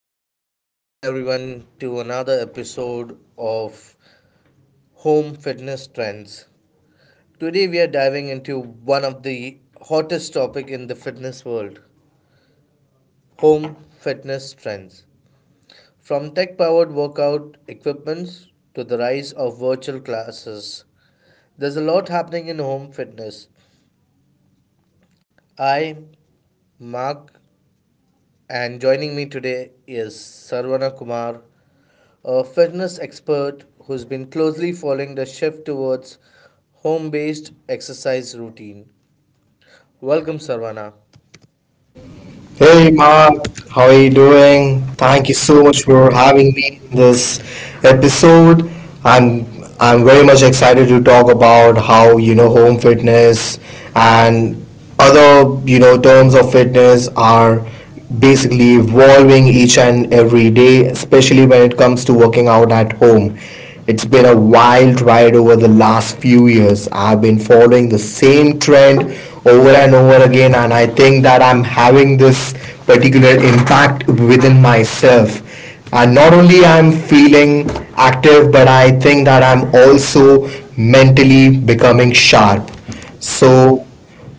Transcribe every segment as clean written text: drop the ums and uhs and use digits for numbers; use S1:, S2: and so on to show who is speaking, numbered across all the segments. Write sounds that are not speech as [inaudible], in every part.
S1: Hello and welcome everyone to another episode of Home Fitness Trends. Today we are diving into one of the hottest topic in the fitness world, home fitness trends. From tech-powered workout equipments to the rise of virtual classes, there's a lot happening in home fitness. I, Mark, and joining me today is Sarvana Kumar, a fitness expert who's been closely following the shift towards home based exercise routine. Welcome, Sarvana.
S2: Hey Mark, how are you doing? Thank you so much for having me in this episode. I'm I'm very much excited to talk about how, you know, home fitness and other, you know, terms of fitness are basically evolving each and every day, especially when it comes to working out at home. It's been a wild ride over the last few years. I've been following the same trend over and over again, and I think that I'm having this particular impact within myself. And not only I'm feeling active, but I think that I'm also mentally becoming sharp. So,
S1: So,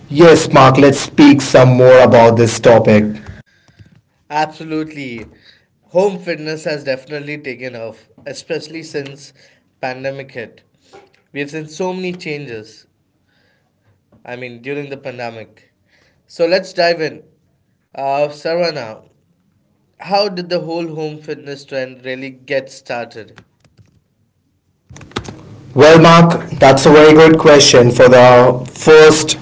S2: yes, Mark, let's speak some more about this topic.
S1: absolutely. Home fitness has definitely taken off, especially since pandemic hit. We have seen so many changes, I mean, during the pandemic. So let's dive in. Sarvana, how did the whole home fitness trend really get started?
S2: Well, Mark, that's a very good question. For the first,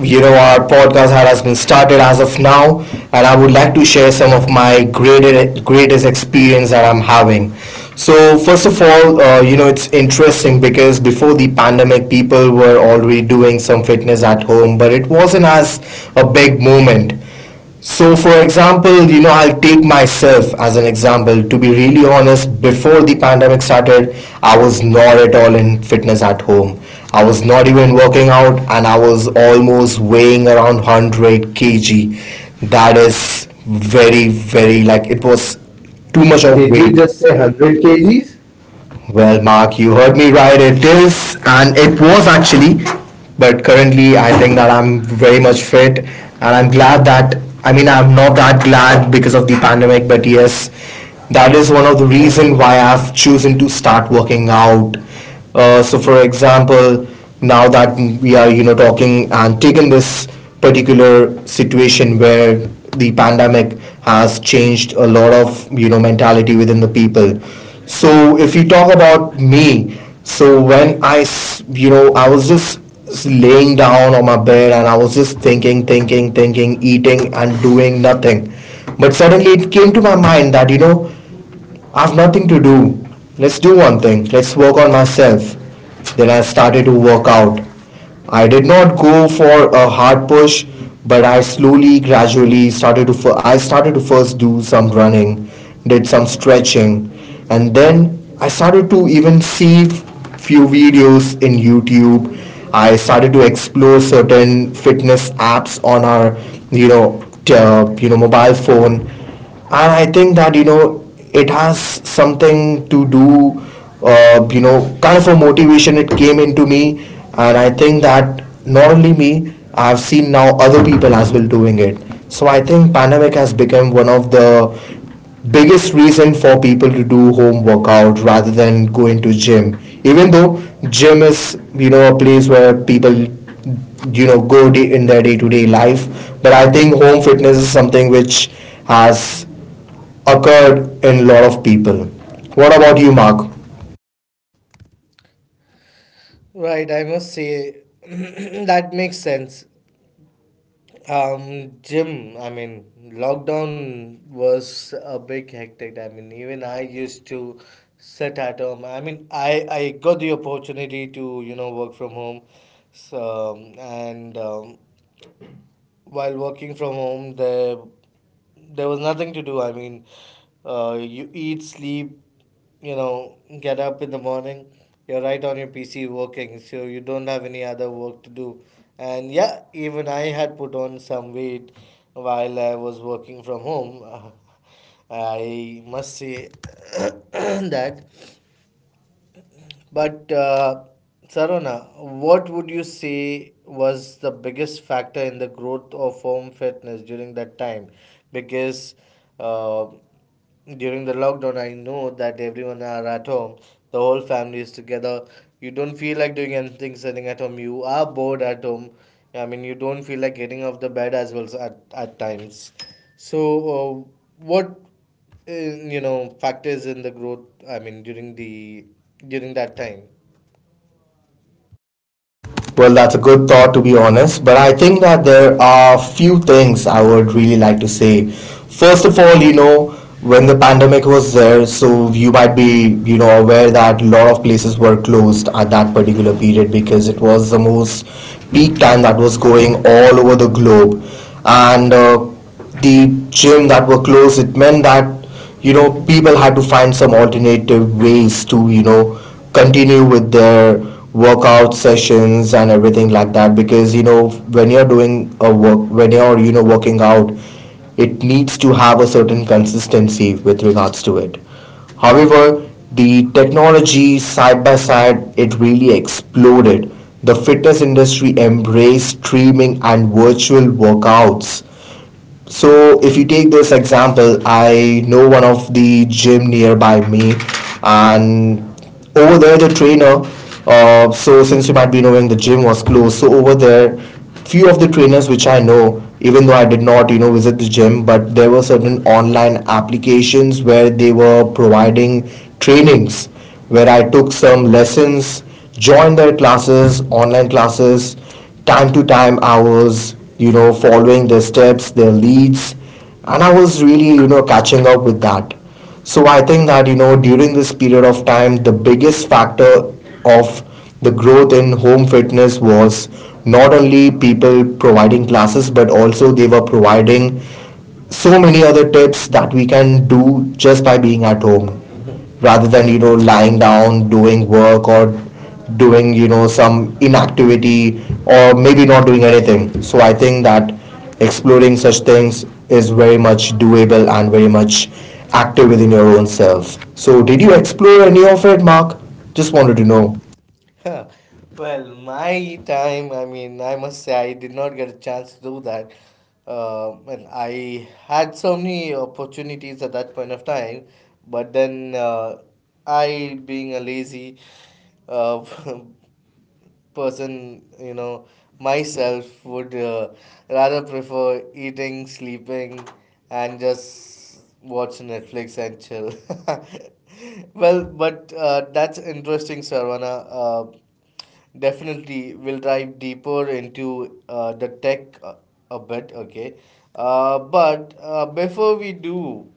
S2: you know, our podcast has been started as of now, and I would like to share some of my greatest experience that I'm having. So, first of all, you know, it's interesting because before the pandemic, people were already doing some fitness at home, but it wasn't as a big movement. So, for example, you know, I'll take myself as an example. To be really honest, before the pandemic started, I was not at all in fitness at home. I was not even working out, and I was almost weighing around 100 kg. That is very, very, like it was too
S1: Too
S2: much
S1: much
S2: of.
S1: of
S2: Did you
S1: did
S2: weight.
S1: you
S2: You
S1: weight.
S2: just
S1: Just say
S2: say 100
S1: 100
S2: kg?
S1: kgs?
S2: Well, Mark, you heard me right. It is, and it was actually, but currently I think that I'm very much fit, and I'm glad that, I mean, I'm not that glad because of the pandemic, but yes, that is one of the reason why I've chosen to start working out. So for example, now that we are, you know, talking and taking this particular situation where the pandemic has changed a lot of, you know, mentality within the people. So, if you talk about me, so when you know, I was just laying down on my bed and I was just thinking, thinking, thinking, eating and doing nothing. But suddenly it came to my mind that, you know, I've nothing to do. Let's do one thing. Let's work on myself. Then I started to work out. I did not go for a hard push, but I slowly, gradually started to. I started to first do some running, did some stretching, and then I started to even see few videos in YouTube. I started to explore certain fitness apps on our, you know, you know, mobile phone. And I think that, you know, it has something to do, you know, kind of a motivation. It came into me, and I think that not only me, I've seen now other people as well doing it. So I think pandemic has become one of the biggest reason for people to do home workout rather than going to gym. Even though gym is, you know, a place where people, you know, good in their day-to-day life, but I think home fitness is something which has occurred in a lot of people. What about you, Mark?
S1: Right, I must say [clears throat] that makes sense. Gym, I mean, lockdown was a big hectic. I mean, even I used to sit at home. I mean, I got the opportunity to, you know, work from home. So, and while working from home there was nothing to do, I mean, you eat, sleep, you know, get up in the morning, you're right on your PC working, so you don't have any other work to do. And yeah, even I had put on some weight while I was working from home. [laughs] I must say [coughs] that. But Sarona, what would you say was the biggest factor in the growth of home fitness during that time? Because uh, during the lockdown, I know that everyone are at home, the whole family is together. You don't feel like doing anything sitting at home. You are bored at home. I mean, you don't feel like getting off the bed as well, at times. So, what in, you know, factors in the growth, I mean during the during that time.
S2: Well, that's a good thought, to be honest, but I think that there are few things I would really like to say. First of all, you know, when the pandemic was there, so you might be, you know, aware that a lot of places were closed at that particular period because it was the most peak time that was going all over the globe. And the gym that were closed, it meant that, you know, people had to find some alternative ways to, you know, continue with their workout sessions and everything like that, because, you know, when you're doing a work, when you're, you know, working out, it needs to have a certain consistency with regards to it. However, the technology, side by side, it really exploded. The fitness industry embraced streaming and virtual workouts. So if you take this example, I know one of the gym nearby me, and over there the trainer. So since you might be knowing the gym was closed, so over there, few of the trainers which I know, even though I did not, you know, visit the gym, but there were certain online applications where they were providing trainings, where I took some lessons, join their classes, online classes, time to time hours, you know, following their steps, their leads. And I was really, you know, catching up with that. So I think that, you know, during this period of time, the biggest factor of the growth in home fitness was not only people providing classes, but also they were providing so many other tips that we can do just by being at home rather than, you know, lying down doing work or doing, you know, some inactivity or maybe not doing anything. So I think that exploring such things is very much doable and very much active within your own self. So did you explore any of it, Mark? Just
S1: Just
S2: wanted
S1: wanted
S2: to
S1: to
S2: know.
S1: know. Huh. Well, my time, I mean, I must say I did not get a chance to do that. And I had so many opportunities at that point of time. But then I being a lazy uh, [laughs] person, you know, myself would rather prefer eating, sleeping, and just watch Netflix and chill. [laughs] Well, but that's interesting, Sarvana. Definitely we'll dive deeper into the tech a bit, okay. But before we do,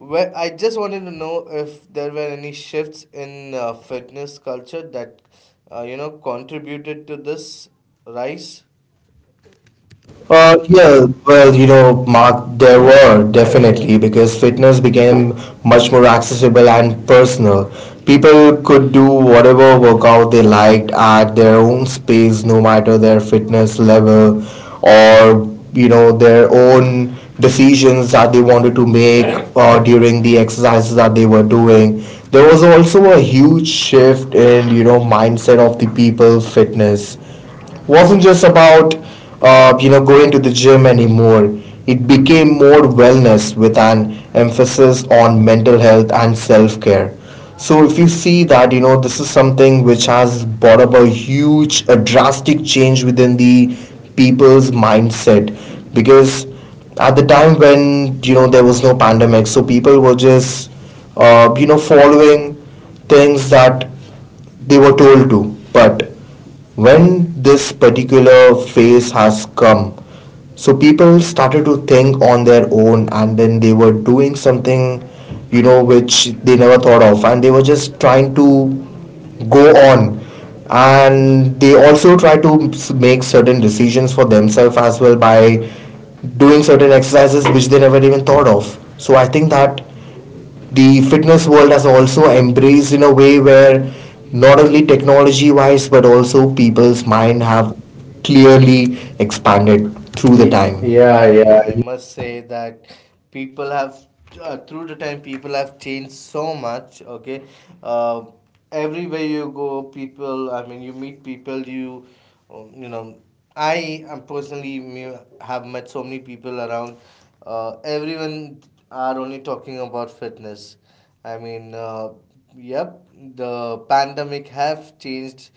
S1: well, I just wanted to know if there were any shifts in fitness culture that you know contributed to this rise. Yeah,
S2: Yeah,
S1: it
S2: well, you know, Mark, there were definitely, because fitness became much more accessible and personal. People could do whatever workout they liked at their own space, no matter their fitness level or, you know, their own decisions that they wanted to make during the exercises that they were doing. There was also a huge shift in, you know, mindset of the people. Fitness wasn't just about you know, going to the gym anymore. It became more wellness with an emphasis on mental health and self care. So if you see that, you know, this is something which has brought up a huge, a drastic change within the people's mindset, because at the time when, you know, there was no pandemic, so people were just you know, following things that they were told to, but when this particular phase has come, so people started to think on their own and then they were doing something, you know, which they never thought of, and they were just trying to go on. And they also try to make certain decisions for themselves as well by doing certain exercises which they never even thought of. So I think that the fitness world has also embraced in a way where not only technology wise but also people's mind
S1: can
S2: have
S1: happen.
S2: clearly expanded through the time. Yeah,
S1: Yeah, yeah,
S2: yeah.
S1: I must say that people have, through the time, people have changed so much. Okay, uh, everywhere you go, people. I mean, you meet people. You, you know, I am personally have met so many people around. Everyone are only talking about fitness. I mean, yep, the pandemic have changed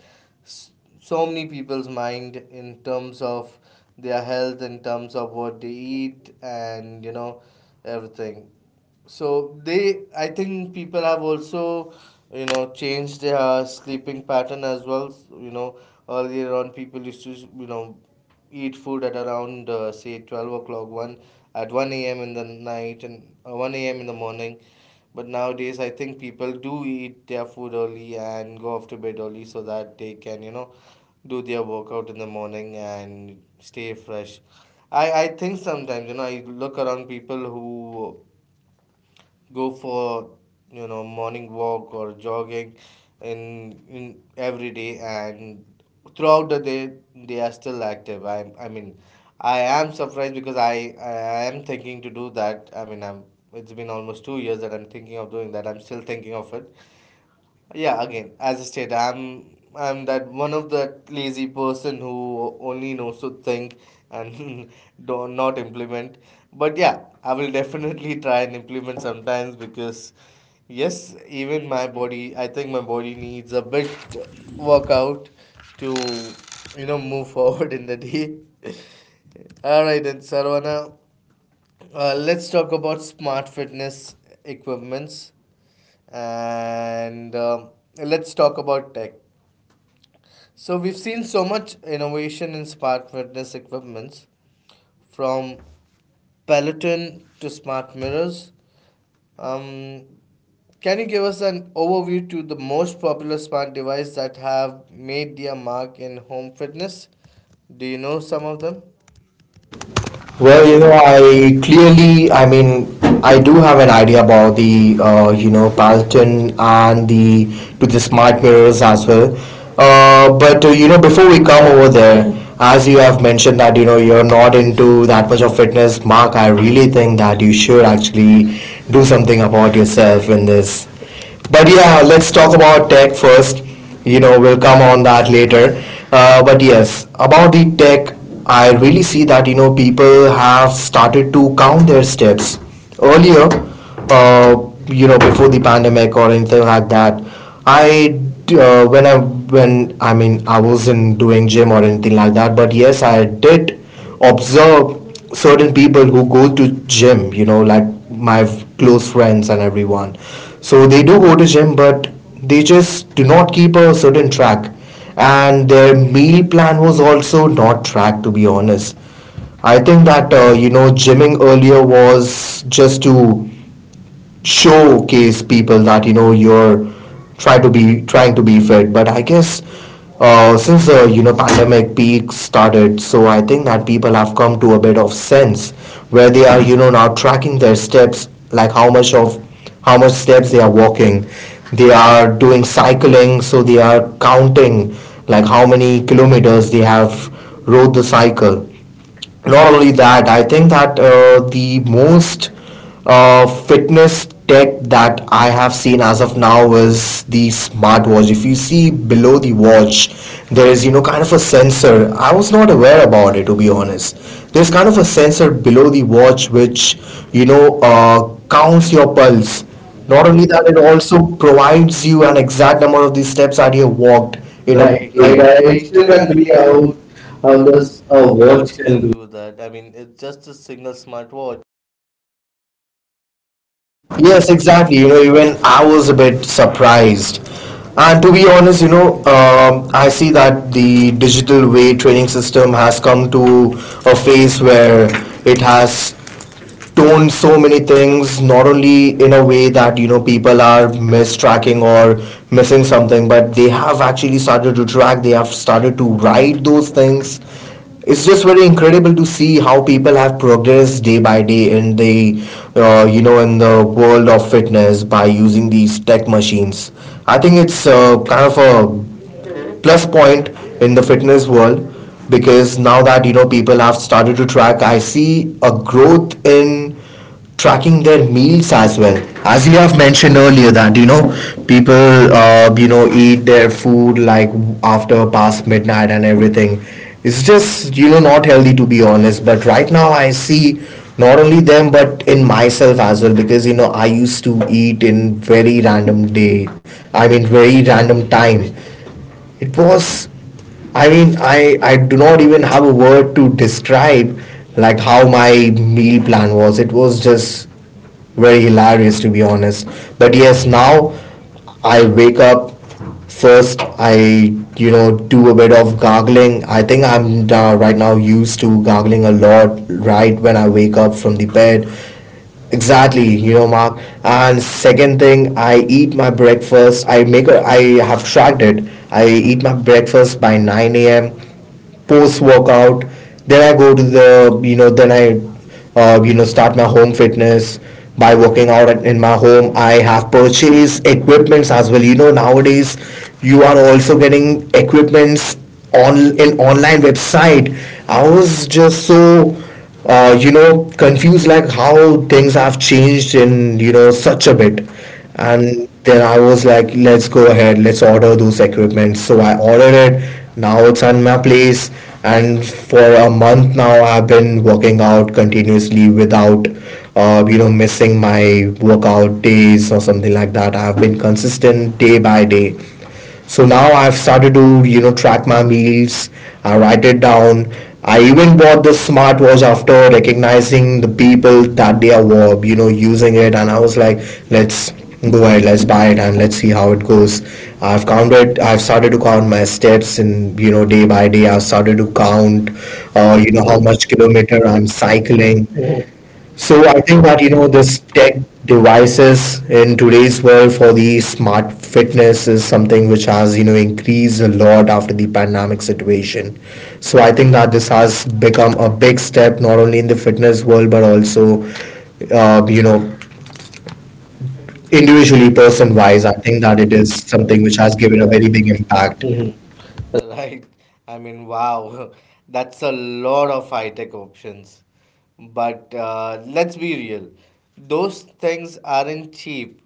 S1: s- so many people's mind in terms of their health, in terms of what they eat, and you know, everything. So they, I think people have also, you know, changed their sleeping pattern as well. You know, earlier on people used to, you know, eat food at around say 12 o'clock one at 1 a.m in the night and 1 a.m in the morning. But nowadays I think people do eat their food early and go off to bed early so that they can, you know, do their workout in the morning and stay fresh. I think sometimes, you know, I look around people who go for, you know, morning walk or jogging in every day, and throughout the day they are still active. I mean, I am surprised because I am thinking to do that. I mean, I'm, it's been almost 2 years that I'm thinking of doing that. I'm still thinking of it. Yeah, again, as I said, I'm that one of that lazy person who only knows to think and [laughs] don't not implement. But yeah, I will definitely try and implement sometimes because yes, even my body, I think my body needs a bit workout to, you know, move [laughs] forward in the day. [laughs] All right, then Sarvana, let's talk about smart fitness equipments. And let's talk about tech. So we've seen so much innovation in smart fitness equipments, from Peloton to smart mirrors. Um, can you give us an overview to the most popular smart devices that have made their mark in home fitness? Do you know some of them?
S2: Well,
S1: Well,
S2: you
S1: you
S2: know,
S1: know, I,
S2: I clearly, I mean, I do have an idea about the, you know, Peloton and the to the smart mirrors as well. But you know, before we come over there, as you have mentioned that, you know, you're not into that much of fitness, Mark, I really think that you should actually do something about yourself in this. But yeah, let's talk about tech first. You know, we'll come on that later. But yes, about the tech, I really see that, you know, people have started to count their steps earlier. You know, before the pandemic or anything like that. I when I mean, I wasn't doing gym or anything like that, but yes, I did observe certain people who go to gym, you know, like my close friends and everyone. So they do go to gym, but they just do not keep a certain track, and their meal plan was also not tracked, to be honest. I think that, you know, gymming earlier was just to showcase people that, you know, you're trying to be fit. But I guess since the, you know, pandemic peak started, so I think that people have come to a bit of sense where they are, you know, now tracking their steps, like how much steps they are walking. They are doing cycling, so they are counting like how many kilometers they have rode the cycle. Not only that, I think that the most fitness tech that I have seen as of now is the smartwatch. If you see below the watch, there is, you know, kind of a sensor. I was not aware about it, to be honest. There's kind of a sensor below the watch which, you know, counts your pulse. Not
S1: not
S2: only
S1: only
S2: that,
S1: that, it
S2: it
S1: also.
S2: also provides you an exact number of the steps that you have walked in a Right,
S1: Right,
S2: right. day.
S1: right. Mm. I,
S2: Right.
S1: I
S2: I
S1: still
S2: still
S1: can't
S2: can't believe
S1: believe how
S2: how those
S1: does a
S2: words
S1: watch can
S2: can
S1: do that. I mean, it's just a single smartwatch. Yes,
S2: Yes, exactly.
S1: exactly.
S2: You
S1: You know,
S2: know, even I was a bit surprised. And to be honest, I see that the digital way training system has come to a phase where it has tone so many things, not only in a way that people are mistracking or missing something, but they have actually started to track. They have started to write those things. It's just very incredible to see how people have progressed day by day in the in the world of fitness by using these tech machines. I think it's kind of a plus point in the fitness world, because now that people have started to track, I see a growth in tracking their meals as well. As you have mentioned earlier that people eat their food like after past midnight and everything. It's just not healthy, to be honest, but right now I see not only them but in myself as well, because I used to eat in very random day, I mean very random time. It was, I mean, I do not even have a word to describe like how my meal plan was. It was just very hilarious, to be honest. But yes, now I wake up first. I do a bit of gargling. I think I'm right now used to gargling a lot right when I wake up from the bed. Exactly, you know, Mark. And second thing, I eat my breakfast. I make a, I have tracked it. I eat my breakfast by 9 a.m. post workout. Then I go to the, then I, start my home fitness by working out at, in my home. I have purchased equipments as well. You know, nowadays you are also getting equipments on in online website. I was just so confused like how things have changed in such a bit.
S1: and
S2: And then I was like, let's go ahead, let's order those equipment. So I ordered it, now it's at my place. And for a month now, I've been working out continuously without missing my workout days or something like that. I've been consistent day by day. So now I've started to, you know, track my meals. I write it down. I even bought this smartwatch after recognizing the people that they are, using it. And I was like, let's go ahead, let's buy it and let's see how it goes. I've started to count my steps and, you know, day by day, I've started to count,
S1: you know
S2: how
S1: how
S2: much
S1: much
S2: kilometer
S1: kilometer
S2: I'm
S1: I'm
S2: cycling.
S1: cycling. So
S2: So I
S1: I
S2: think
S1: think
S2: that
S1: that you know this
S2: this tech
S1: tech
S2: devices in today's world for the smart fitness is something which has increased a lot after the pandemic situation. So I think that this has become a big step, not only in the fitness world but also uh, you know individually person wise.
S1: wise,
S2: I
S1: I
S2: think
S1: think
S2: that
S1: that
S2: it
S1: it
S2: is
S1: is
S2: something
S1: something
S2: which
S1: which
S2: has
S1: has
S2: given a
S1: given a
S2: very
S1: very, right,
S2: big
S1: big
S2: impact.
S1: impact. Hmm. [laughs] Right. I mean, wow, [laughs] that's a lot of high tech options. But let's be real, those things aren't cheap.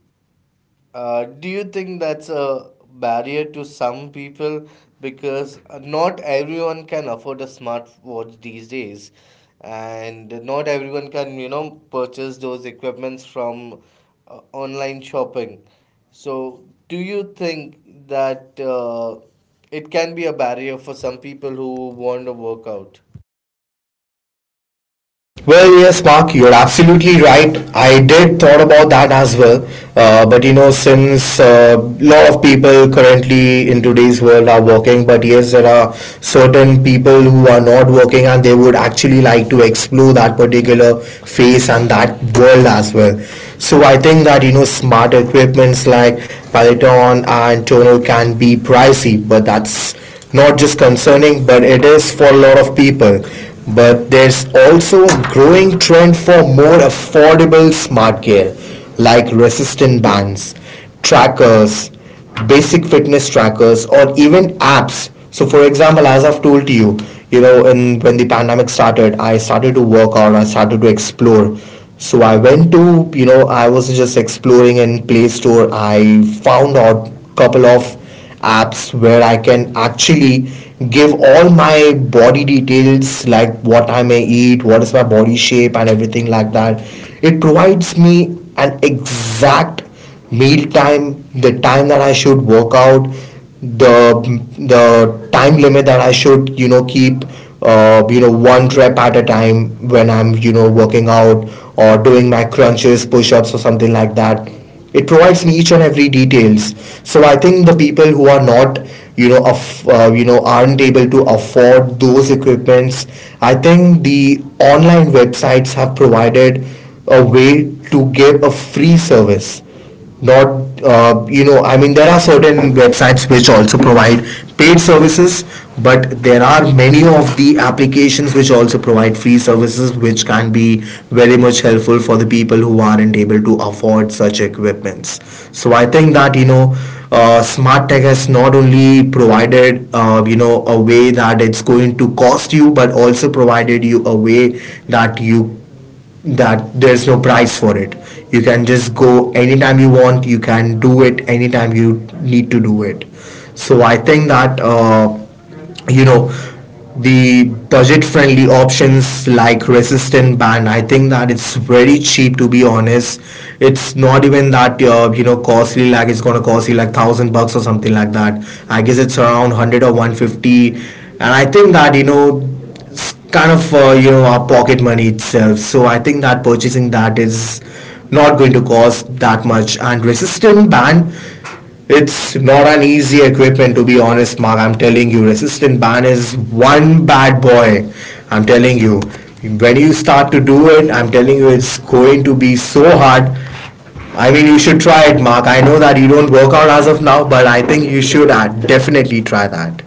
S1: Do you think that's a barrier to some people? Because not everyone can afford a smartwatch these days, and not everyone can, you know, purchase those equipments from online shopping. So, do you think that it can be a barrier for some people who want to work out?
S2: Well, yes, Mark, you're absolutely right. I did thought about that as well. But you know, since a lot of people currently in today's world are working, but yes, there are certain people who are not working and they would actually like to explore that particular phase and that world as well. So I think that, you know, smart equipments like Peloton and Tonal can be pricey, but that's not just concerning, but it is for a lot of people. But there's also a growing trend for more affordable smart gear like resistant bands, trackers, basic fitness trackers, or even apps. So, for example, as I've told you, when the pandemic started, I started to work out, I started to explore. So I went to, you know, I was just exploring in Play Store. I found out couple of apps where I can actually give all my body details, like what I may eat, what is my body shape and everything like that. It provides me an exact meal time, the time that I should work out, the the time limit that I should keep one rep at a time when I'm working out or doing my crunches, push ups or something like that. It provides in each and every details. So I think the people who are not, aren't able to afford those equipments. I think the online websites have provided a way to give a free service. Not I mean, there are certain websites which also provide paid services, but there are many of the applications which also provide free services, which can be very much helpful for the people who aren't able to afford such equipments. So I think that smart tech has not only provided a way that it's going to cost you, but also provided you a way that you that there's no price for it. You can just go anytime you want, you can do it anytime you need to do it. So I think that you know the budget friendly options like resistant band, I think that it's very cheap, to be honest. It's not even that costly, like it's gonna cost you like 1,000 bucks or something like that. I guess it's around 100 or 150, and I think that kind of our pocket money itself. So I think that purchasing that is not going to cost that much. And resistant band, it's not an easy equipment, to be honest, Mark. I'm telling you, resistant band is one bad boy. I'm telling you, when you start to do it, I'm telling you, it's going to be so hard. I mean, you should try it, Mark. I know that you don't work out as of now, but I think you should definitely try that.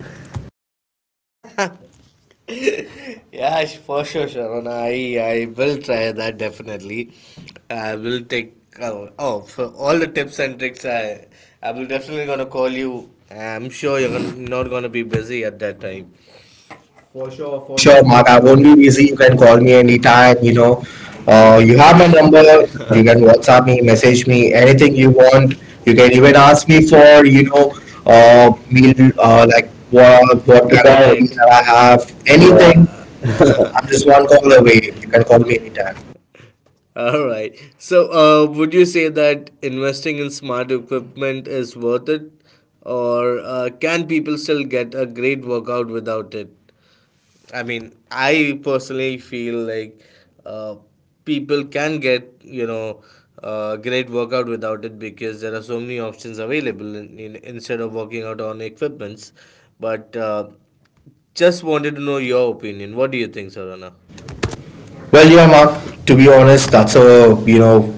S1: Yeah, for sure, Sharon. I will try that definitely. I will take, oh, for all the tips and tricks. I will definitely gonna call you. I'm sure you're gonna, not gonna be busy at that time.
S2: Oh,
S1: For
S2: sure,
S1: sure,
S2: Mark.
S1: Mark.
S2: I
S1: I
S2: won't
S1: won't
S2: be
S1: be
S2: busy.
S1: busy.
S2: You
S1: You
S2: can
S1: can
S2: call
S1: call
S2: me
S1: me
S2: anytime.
S1: anytime.
S2: You
S1: You
S2: know,
S1: know,
S2: you
S1: you
S2: have
S1: have
S2: my
S1: my
S2: number.
S1: number. [laughs] You
S2: You can
S1: can
S2: WhatsApp
S1: WhatsApp
S2: me,
S1: me,
S2: message
S1: message
S2: me,
S1: me,
S2: anything
S1: anything
S2: you
S1: you
S2: want.
S1: want.
S2: You
S1: You can
S2: can even
S1: even
S2: ask
S1: ask
S2: me
S1: me
S2: for,
S1: for,
S2: you
S1: you
S2: know,
S1: know,
S2: meal,
S1: meal,
S2: like
S1: like what are
S2: what
S1: what. The kind of
S2: kind of
S1: diet.
S2: meal
S1: Meal
S2: that
S1: that
S2: I
S1: I
S2: have,
S1: have. Anything.
S2: anything. So
S1: Yeah. [laughs]
S2: I'm
S1: I'm
S2: just
S1: just
S2: one
S1: one
S2: call
S1: call
S2: away.
S1: away.
S2: You
S1: You
S2: can
S1: can
S2: call
S1: call
S2: me
S1: me
S2: anytime.
S1: anytime. All right. So, would you say that investing in smart equipment is worth it, or can people still get a great workout without it? I mean, I personally feel like uh, people can get, you know, great workout without it because there are so many options available instead of working out on equipments. But just wanted to know your opinion. What do you think, Sarana?
S2: Well, yeah, Mark, to be honest, that's a, you know,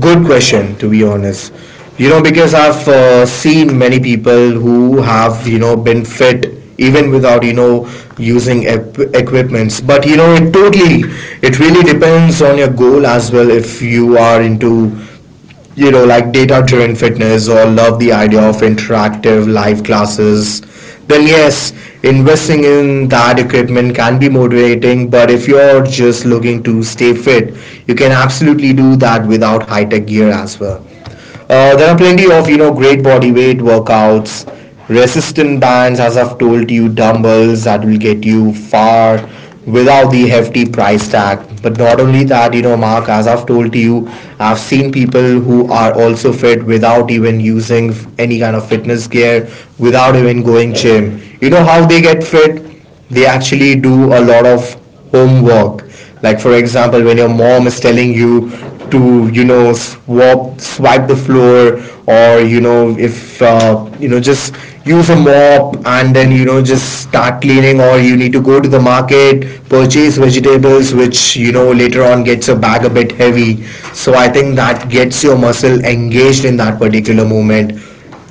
S2: good question, to be honest. You know, because I've seen many people who have, you know, been fit even without, you know, using ep- equipments. But, you know, it totally, it really depends on your goal as well. If you are into, you know, like data driven fitness or love the idea of interactive live classes, then yes, investing in that equipment can be motivating. But if you're just looking to stay fit, you can absolutely do that without high tech gear as well. There are plenty of great body weight workouts, resistance bands, as I've told you, dumbbells that will get you far without the hefty price tag. But not only that, you know, Mark, as I've told you, I've seen people who are also fit without even using any kind of fitness gear, without even going gym. You know how they get fit? They actually do a lot of homework. Like for example, when your mom is telling you to swap swipe the floor, or you know, if just use a mop and then just start cleaning, or you need to go to the market purchase vegetables, which you know later on gets your bag a bit heavy. So I think that gets your muscle engaged in that particular moment.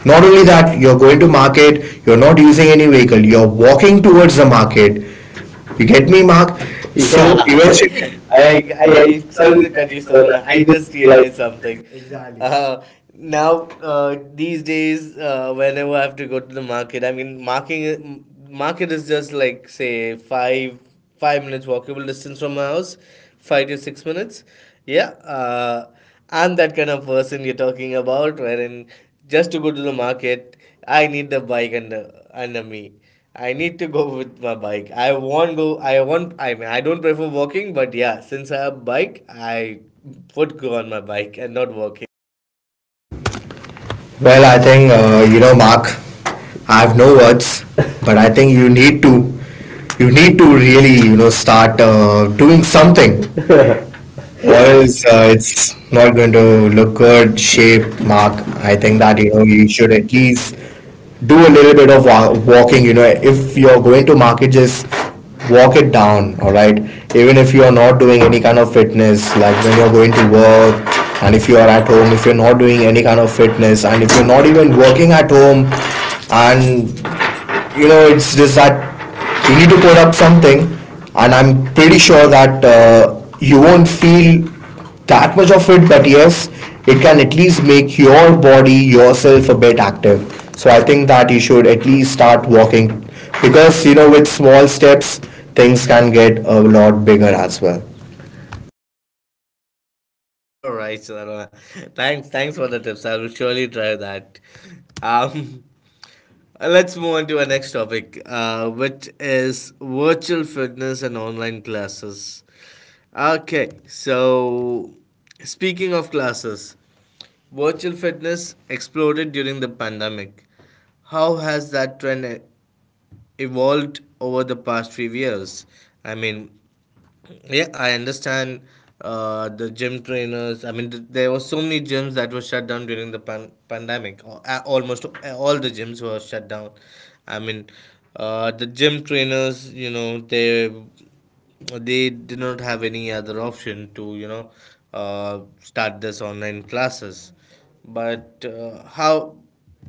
S2: Not only that, you're going to market, you're not using any vehicle, you're walking towards the market. You get me, Mark? So
S1: Yeah, [laughs]
S2: eventually, I,
S1: I,
S2: I,
S1: I, I sorry
S2: I,
S1: to cut you, Sarvana. I
S2: just
S1: just
S2: realized.
S1: realized something. Exactly. Now, these days, whenever I have to go to the market, I mean, market is just like say five minutes walkable distance from my house, 5 to 6 minutes. Yeah, I'm that kind of person you're talking about, wherein just to go to the market, I need the bike under me. I need to go with my bike. I won't go. I won't. I mean, I don't prefer walking, but yeah, since I have bike, I would go on my bike and not walking.
S2: Well, I think, you know, Mark, I have no words, but I think you need to really, you know, start doing something. Or
S1: Or [laughs]
S2: else,
S1: else,
S2: it's
S1: it's
S2: not going to look good shape, Mark. I think
S1: something
S2: that
S1: that you know
S2: you
S1: you
S2: should
S1: should
S2: at
S1: at.
S2: least do a little bit of walking. You know, if you're going to market, just walk it down. All right, even if you are not doing any kind of fitness, like when you're going to work, and if you are at home, if you're not doing any kind of fitness, and if you're not even working at home, and you know, it's just that you need to put up something, and I'm pretty sure that you won't feel that much of it, but yes, it can at least make your body, yourself a bit active. So I think that you should at least start walking, because, you know, with small steps, things can get a lot bigger as well.
S1: All right, Sarona. Thanks, thanks for the tips. I will surely try that. Um, [laughs] let's move on to our next topic, which is virtual fitness and online classes. Okay, so speaking of classes, virtual fitness exploded during the pandemic. How has that trend evolved over the past few years? I mean, yeah, I understand the gym trainers. I mean, there were so many gyms that were shut down during the pandemic. Almost all the gyms were shut down. I mean, the gym trainers, you know, they did not have any other option to, you know, start this online classes. But how?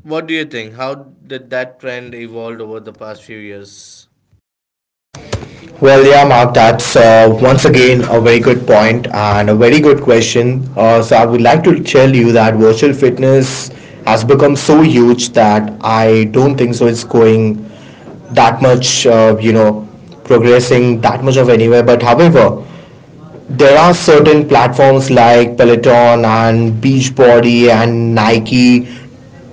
S1: What do you think? How did that trend evolve over the past few years?
S2: Well, yeah, Mark, that's once again a very good point and a very good question. So, I would like to tell you that virtual fitness has become so huge that I don't think so it's going that much, progressing that much of anywhere. But, however, there are certain platforms like Peloton and Beachbody and Nike,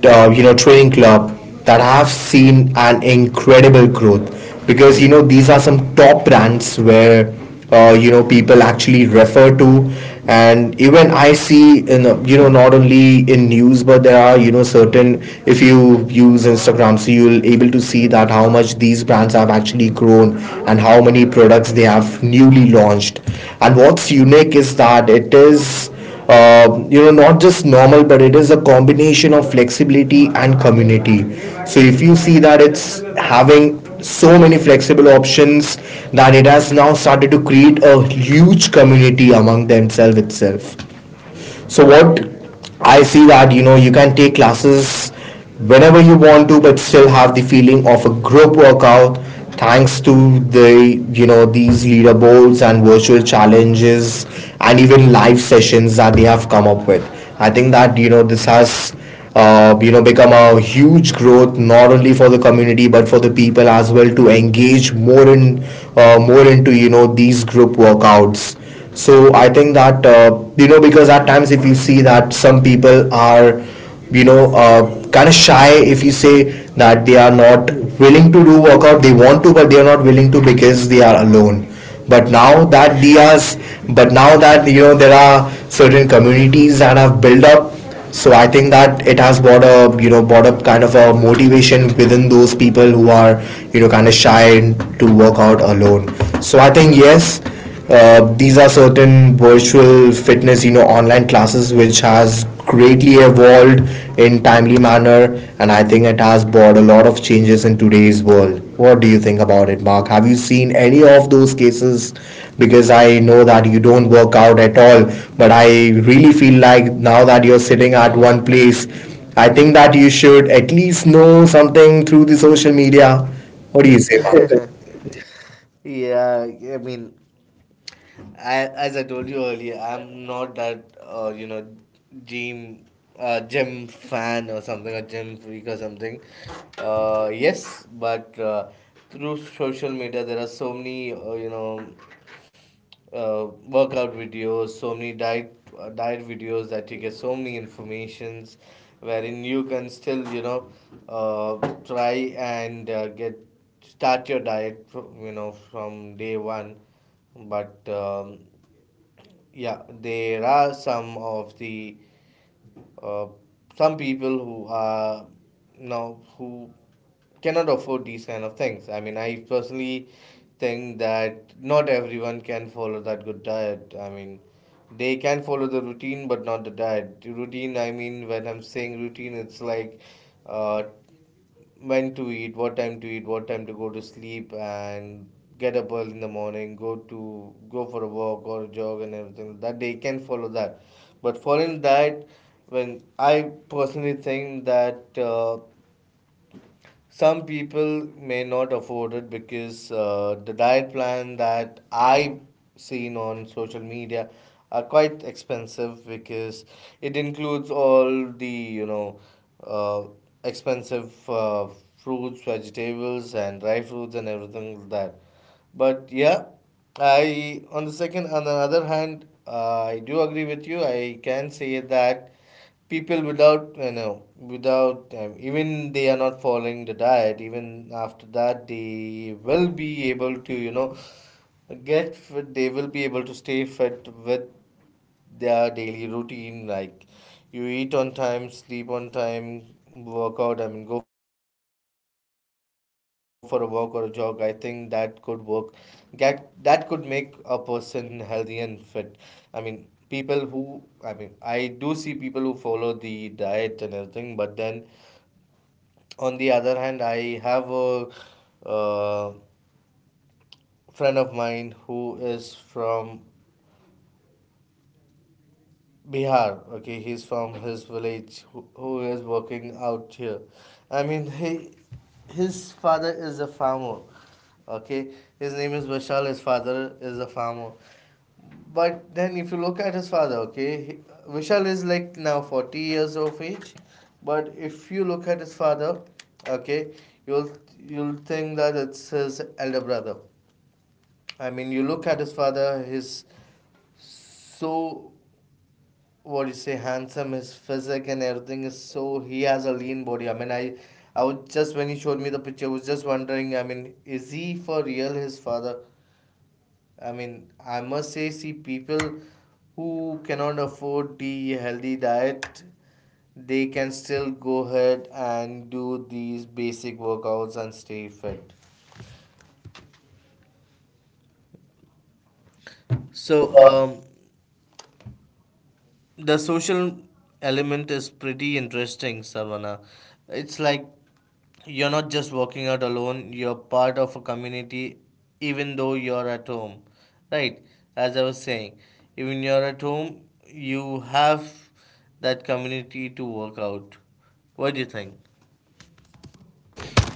S2: Training Club that have seen an incredible growth because these are some top brands where people actually refer to. And even I see in, not only in news, but there are certain, if you use Instagram, so you'll able to see that how much these brands have actually grown and how many products they have newly launched. And what's unique is that it is not just normal, but it is a combination of flexibility and community. So if you see that it's having so many flexible options that it has now started to create a huge community among themselves itself. So what I see that you can take classes whenever you want to, but still have the feeling of a group workout thanks to the these leaderboards and virtual challenges and even live sessions that they have come up with. I think that this has become a huge growth not only for the community but for the people as well, to engage more in more into these group workouts. So I think that because at times if you see that some people are, you know uh, kind of shy, if you say, that they are not willing to do workout. They want to, but they are not willing to because they are alone. But now that dias but now that there are certain communities that have built up, so I think that it has brought a, brought up kind of a motivation within those people who are, kind of shy to work out alone. So I think yes, these are certain virtual fitness, you know, online classes which has greatly evolved in timely manner, and I think it has brought a lot of changes in today's world. What do you think about it, Mark? Have you seen any of those cases? Because I know that you don't work out at all, but I really feel like now that you're sitting at one place, I think that you should at least know something through the social
S1: Yeah.
S2: media. What
S1: What
S2: do
S1: do
S2: you
S1: you say,
S2: say, Mark? [laughs]
S1: Mark? [laughs] Yeah, I mean, I, as I told you earlier, I'm not that you know gym gym fan or something, a gym freak or something. Yes, but through social media, there are so many you know workout videos, so many diet videos that you get so many informations, wherein you can still you know uh, try and get start your diet you know from day one, but yeah there are some of the uh, some people who are now who cannot afford these kind of things. I mean, I personally think that not everyone can follow that good diet. I mean, they can follow the routine but not the diet. The routine, I mean when I'm saying routine, it's like uh, when to eat, what time to eat, what time to go to sleep, and get up early in the morning, go for a walk or a jog and everything. That they can follow that, but following that, when I personally think that. Some people may not afford it because the diet plan that I've seen on social media are quite expensive because it includes all the uh, expensive fruits, vegetables, and dry fruits and everything like that. But yeah, I, on the other hand, I do agree with you. I can say that people without you know without even they are not following the diet, even after that they will be able to get fit, they will be able to stay fit with their daily routine, like you eat on time, sleep on time, work out, I mean go for a walk or a jog. I think that could work, that could make a person healthy and fit. I mean people who, I mean I do see people who follow the diet and everything, but then on the other hand I have a uh, friend of mine who is from Bihar. Okay, he's from his village, who is working out here. I mean, he, his father is a farmer. Okay, his name is Bashal. His father is a farmer. But then, if you look at his father, okay, he, Vishal is like now 40 years of age. But if you look at his father, okay, you'll you'll think that it's his elder brother. I mean, you look at his father, he's so, what do you say, handsome. His physique and everything is so, he has a lean body. I mean I was just, when he showed me the picture I was just wondering, I mean is he for real, his father, I mean, I must say, see, people who cannot afford the healthy diet, they can still go ahead and do these basic workouts and stay fit. So
S2: So
S1: um the social element is pretty interesting, Savannah. It's like you're not just working out alone, you're part of a community even though you're at home. Right? As I was saying, even you're at home, you have that community to work out. What do you think?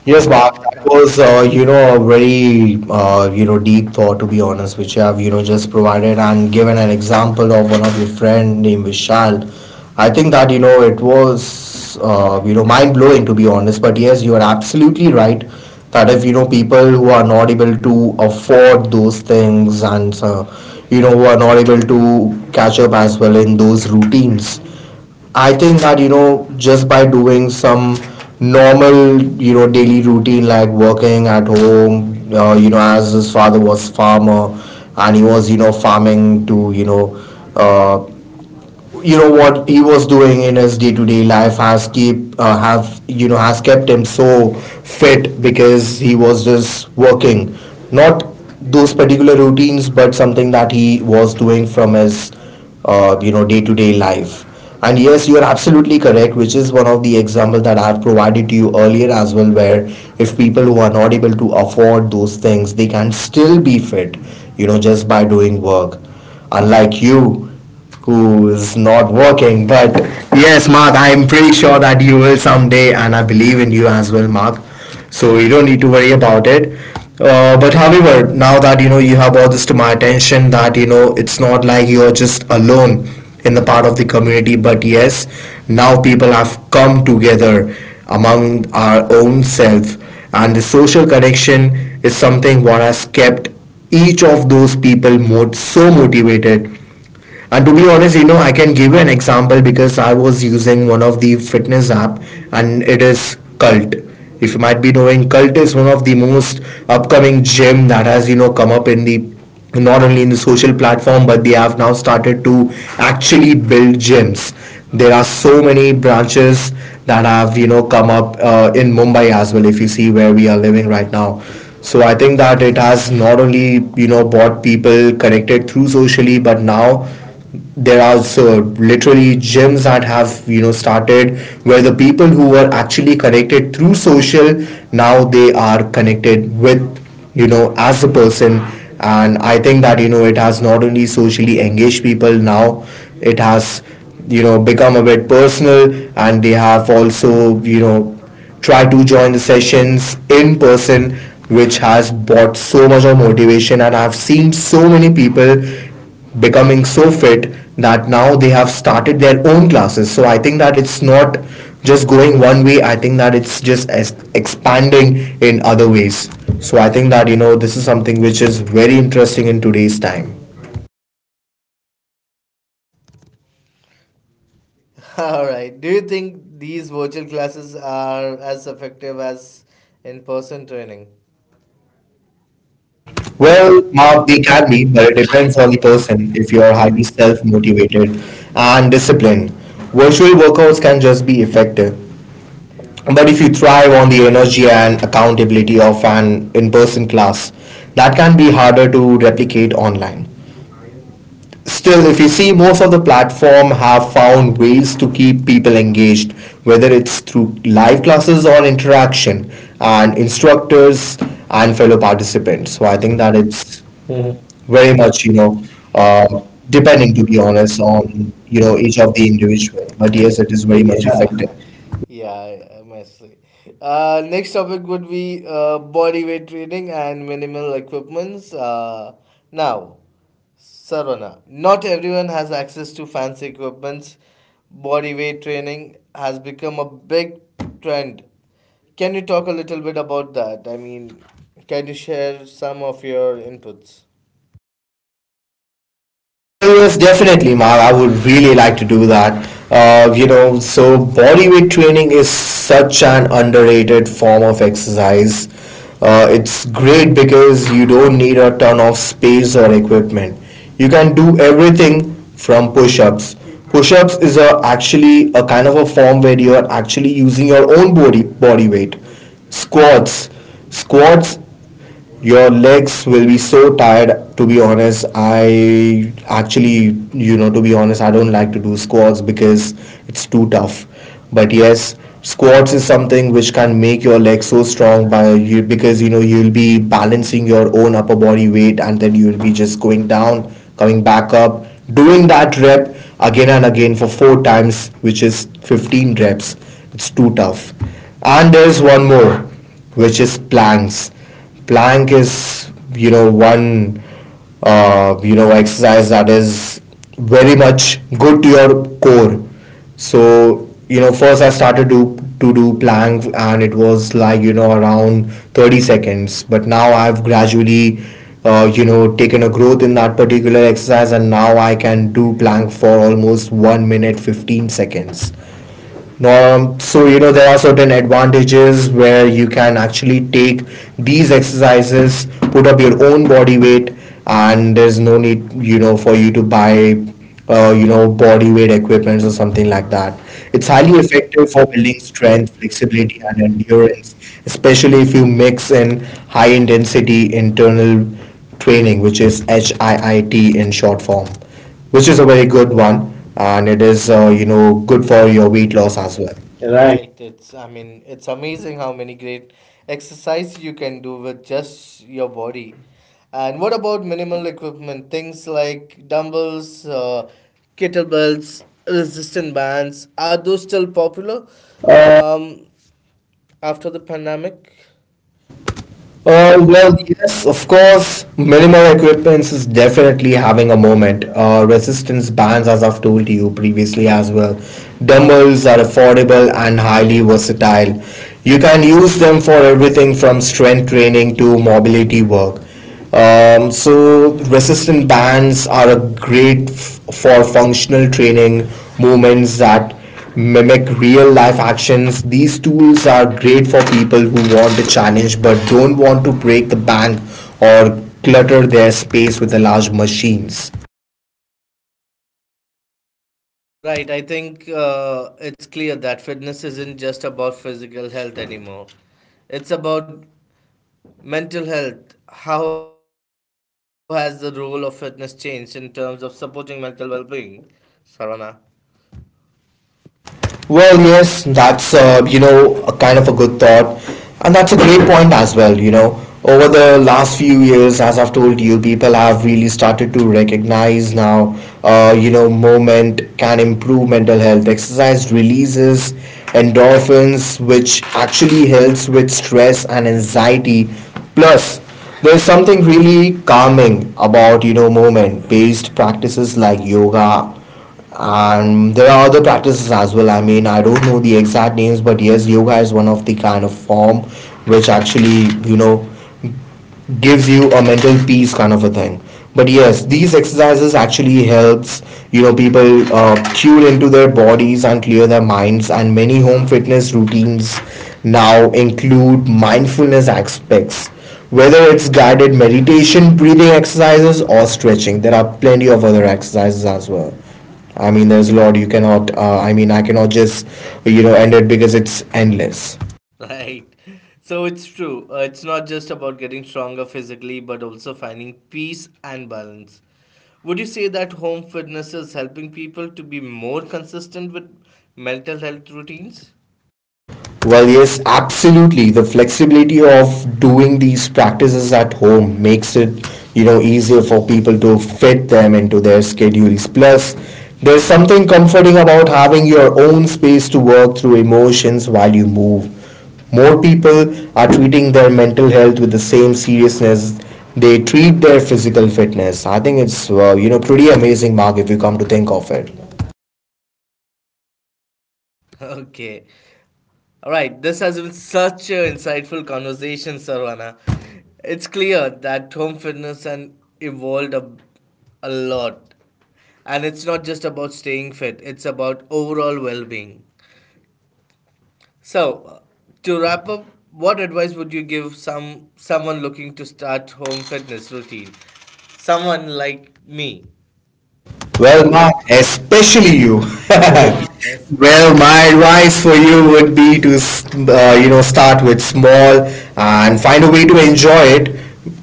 S2: yes,
S1: Yes,
S2: Mark,
S1: Mark,
S2: that
S1: that
S2: was, a very, deep thought, to be honest, which you have, you know, just provided and given an example of one of your friend named Vishal. I think that, it was, mind-blowing, to be honest. But yes, you are absolutely right that if, people who are not able to afford those things and, who are not able to catch up as well in those routines, I think that just by doing some normal, daily routine like working at home, as his father was farmer and he was, farming to, uh, what he was doing in his day-to-day life has keep, have, has kept him so fit, because he was just working, not those particular routines, but something that he was doing from his, day-to-day life. And yes, you are absolutely correct, which is one of the example that I have provided to you earlier as well, where if people who are not able to afford those things, they can still be fit, just by doing work, unlike you who's not working. But yes, Mark, I'm pretty sure that you will someday, and I believe in you as well, Mark. So you don't need to worry about it. But however, now that you have all this to my attention, that it's not like you're just alone in the part of the community, but yes, now people have come together among our own self, and the social connection is something what has kept each of those people more so motivated. And to be honest, I can give you an example, because I was using one of the fitness app, and it is Cult. If you might be knowing, Cult is one of the most upcoming gym that has, come up in the, not only in the social platform, but they have now started to actually build gyms. There are so many branches that have, come up in Mumbai as well, if you see where we are living right now. So I think that it has not only, brought people connected through socially, but now there are so literally gyms that have, started, where the people who were actually connected through social, now they are connected with, as a person. And I think that it has not only socially engaged people, now it has, become a bit personal, and they have also, try to join the sessions in person, which has brought so much of motivation. And I've seen so many people becoming so fit that now they have started their own classes. So I think that it's not just going one way. I think that it's just as expanding in other ways. So I think that this is something which is very interesting in today's time.
S1: [laughs] All right. Do you think these virtual classes are as effective as in person training?
S2: Well,
S1: Well,
S2: Mark,
S1: Mark,
S2: they
S1: they
S2: can
S1: can
S2: be,
S1: be,
S2: but it
S1: but it
S2: depends
S1: depends
S2: on the
S1: on the
S2: person.
S1: person.
S2: If
S1: If
S2: you are
S1: you're
S2: highly
S1: highly
S2: self
S1: self motivated,
S2: motivated and disciplined, virtual workouts can just be effective. But if you thrive on the energy and accountability of an in person class, that can be harder to replicate online. Still, if you see, most of the platform have found ways to keep people engaged, whether it's through live classes or interaction and instructors and fellow participants. So I
S1: I
S2: think
S1: think
S2: that
S1: that
S2: it's
S1: it's Mhm.
S2: very
S1: very
S2: much,
S1: much
S2: you know, uh,
S1: uh,
S2: depending,
S1: depending,
S2: to
S1: to
S2: be
S1: be
S2: honest,
S1: honest,
S2: on
S1: on you know
S2: each
S1: each
S2: of
S1: of
S2: the
S1: the
S2: individual.
S1: individual,
S2: But
S1: but
S2: yes,
S1: yes
S2: it
S1: it
S2: is
S1: is
S2: very
S1: very
S2: much, yeah,
S1: much. Yeah,
S2: effective.
S1: effective. [laughs] Yeah, I must say. Next topic would be body weight training and minimal equipments. Now, Sarvana, not everyone has access to fancy equipments. Body weight training has become a big trend. Can you talk a little bit about that? I mean, can you share some of your inputs?
S2: Well, yes, definitely, Mark. I would really like to do that. So body weight training is such an underrated form of exercise. It's great because you don't need a ton of space or equipment. You can do everything from push-ups. Push-ups is a, actually a kind of a form where you are actually using your own body weight. Squats, squats your legs will be so tired, to be honest. I actually, to be honest, I don't like to do squats because it's too tough. But yes, squats is something which can make your legs so strong by you, because you'll be balancing your own upper body weight and then you'll be just going down, coming back up, doing that rep again and again for four times, which is 15 reps. It's too tough. And there's one more, which is planks. Plank is, one, exercise that is very much good to your core. So first I started to do plank, and it was like, around 30 seconds. But now I've gradually, taken a growth in that particular exercise, and now I can do plank for almost 1 minute 15 seconds. So there are certain advantages where you can actually take these exercises, put up your own body weight, and there's no need, for you to buy, body weight equipments or something like that. It's
S1: It's
S2: highly
S1: highly
S2: effective
S1: effective
S2: for
S1: for
S2: building
S1: building
S2: strength,
S1: strength,
S2: flexibility,
S1: flexibility,
S2: and
S1: and
S2: endurance,
S1: endurance
S2: especially if you mix in high intensity internal training, which is HIIT in short form, which is a very good one, and it is good for your weight loss
S1: loss
S2: as
S1: as
S2: well.
S1: well.
S2: Right.
S1: Right, it's, I mean it's amazing how many great exercises you can do with just your body. And what about minimal equipment? Things like dumbbells, kettlebells, resistant bands. Are those still popular um, after the pandemic? Uh,
S2: Well,
S1: well,
S2: yes, of course, minimal equipment is definitely having a moment. Resistance bands, as I've told you previously as well, dumbbells are affordable and highly versatile. You can use them for everything from strength training to mobility work. So, resistance bands are a great for functional training movements that mimic real life actions. These tools are great for people who want a challenge but don't want to break the bank or clutter their space with the large machines.
S1: Right, I think it's clear that fitness isn't just about physical health anymore. It's about mental health. How has the role of fitness changed in terms of supporting mental well being? Sarvana. [laughs]
S2: Well, yes, that's a kind of a good thought, and that's a great point as well. You know, over the last few years, as I've told you, people have really started to recognize now. Movement can improve mental health. Exercise releases endorphins, which actually helps with stress and anxiety. Plus, there's something really calming about movement-based practices like yoga. And there are other practices as well. I mean, I don't know the exact names, but yes, yoga is one of the kind of form which actually, gives you a mental peace kind of a thing. But yes, these exercises actually helps, people tune into their bodies and clear their minds. And many home fitness routines now include mindfulness aspects, whether it's guided meditation, breathing exercises, or stretching. There are plenty of other exercises as well. I mean, there's a lot, you cannot, I mean, I cannot just, end it, because it's endless.
S1: Right. So it's true. It's not just about getting stronger physically, but also finding peace and balance. Would you say that home fitness is helping people to be more consistent with mental health routines?
S2: Well, yes, absolutely. The flexibility of doing these practices at home makes it, you know, easier for people to fit them into their schedules. Plus, there's something comforting about having your own space to work through emotions while you move. More people are treating their mental health with the same seriousness they treat their physical fitness. I think it's, you know, pretty amazing, Mark, if you come to think of it.
S1: [laughs] Okay. All right, this has been such an insightful conversation, Sarvana. It's clear that home fitness and evolved a lot. And it's not just about staying fit, it's about overall well-being. So, to wrap up, what advice would you give someone looking to start home fitness routine? Someone like me.
S2: Well,
S1: Well,
S2: Mark,
S1: Mark, as
S2: especially you. [laughs] Well, my advice for you would be to, you know, start with small and find a way to enjoy it,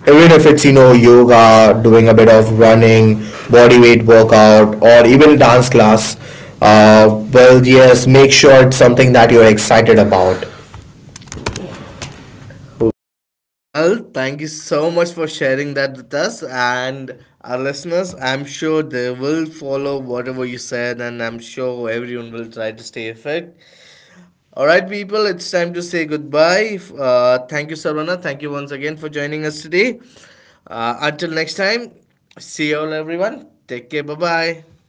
S2: even if it's, you know, yoga, doing a bit of running, body weight workout, or even dance class. Well, yes, make sure it's something that you're excited about.
S1: Well, thank you so much for sharing that with us and our listeners. I'm sure they will follow whatever you said, and I'm sure everyone will try to stay fit. All right, people, it's time to say goodbye. Thank you, Sarvana. Thank you once again for joining us today. Until next time, see you all, everyone. Take care. Bye bye.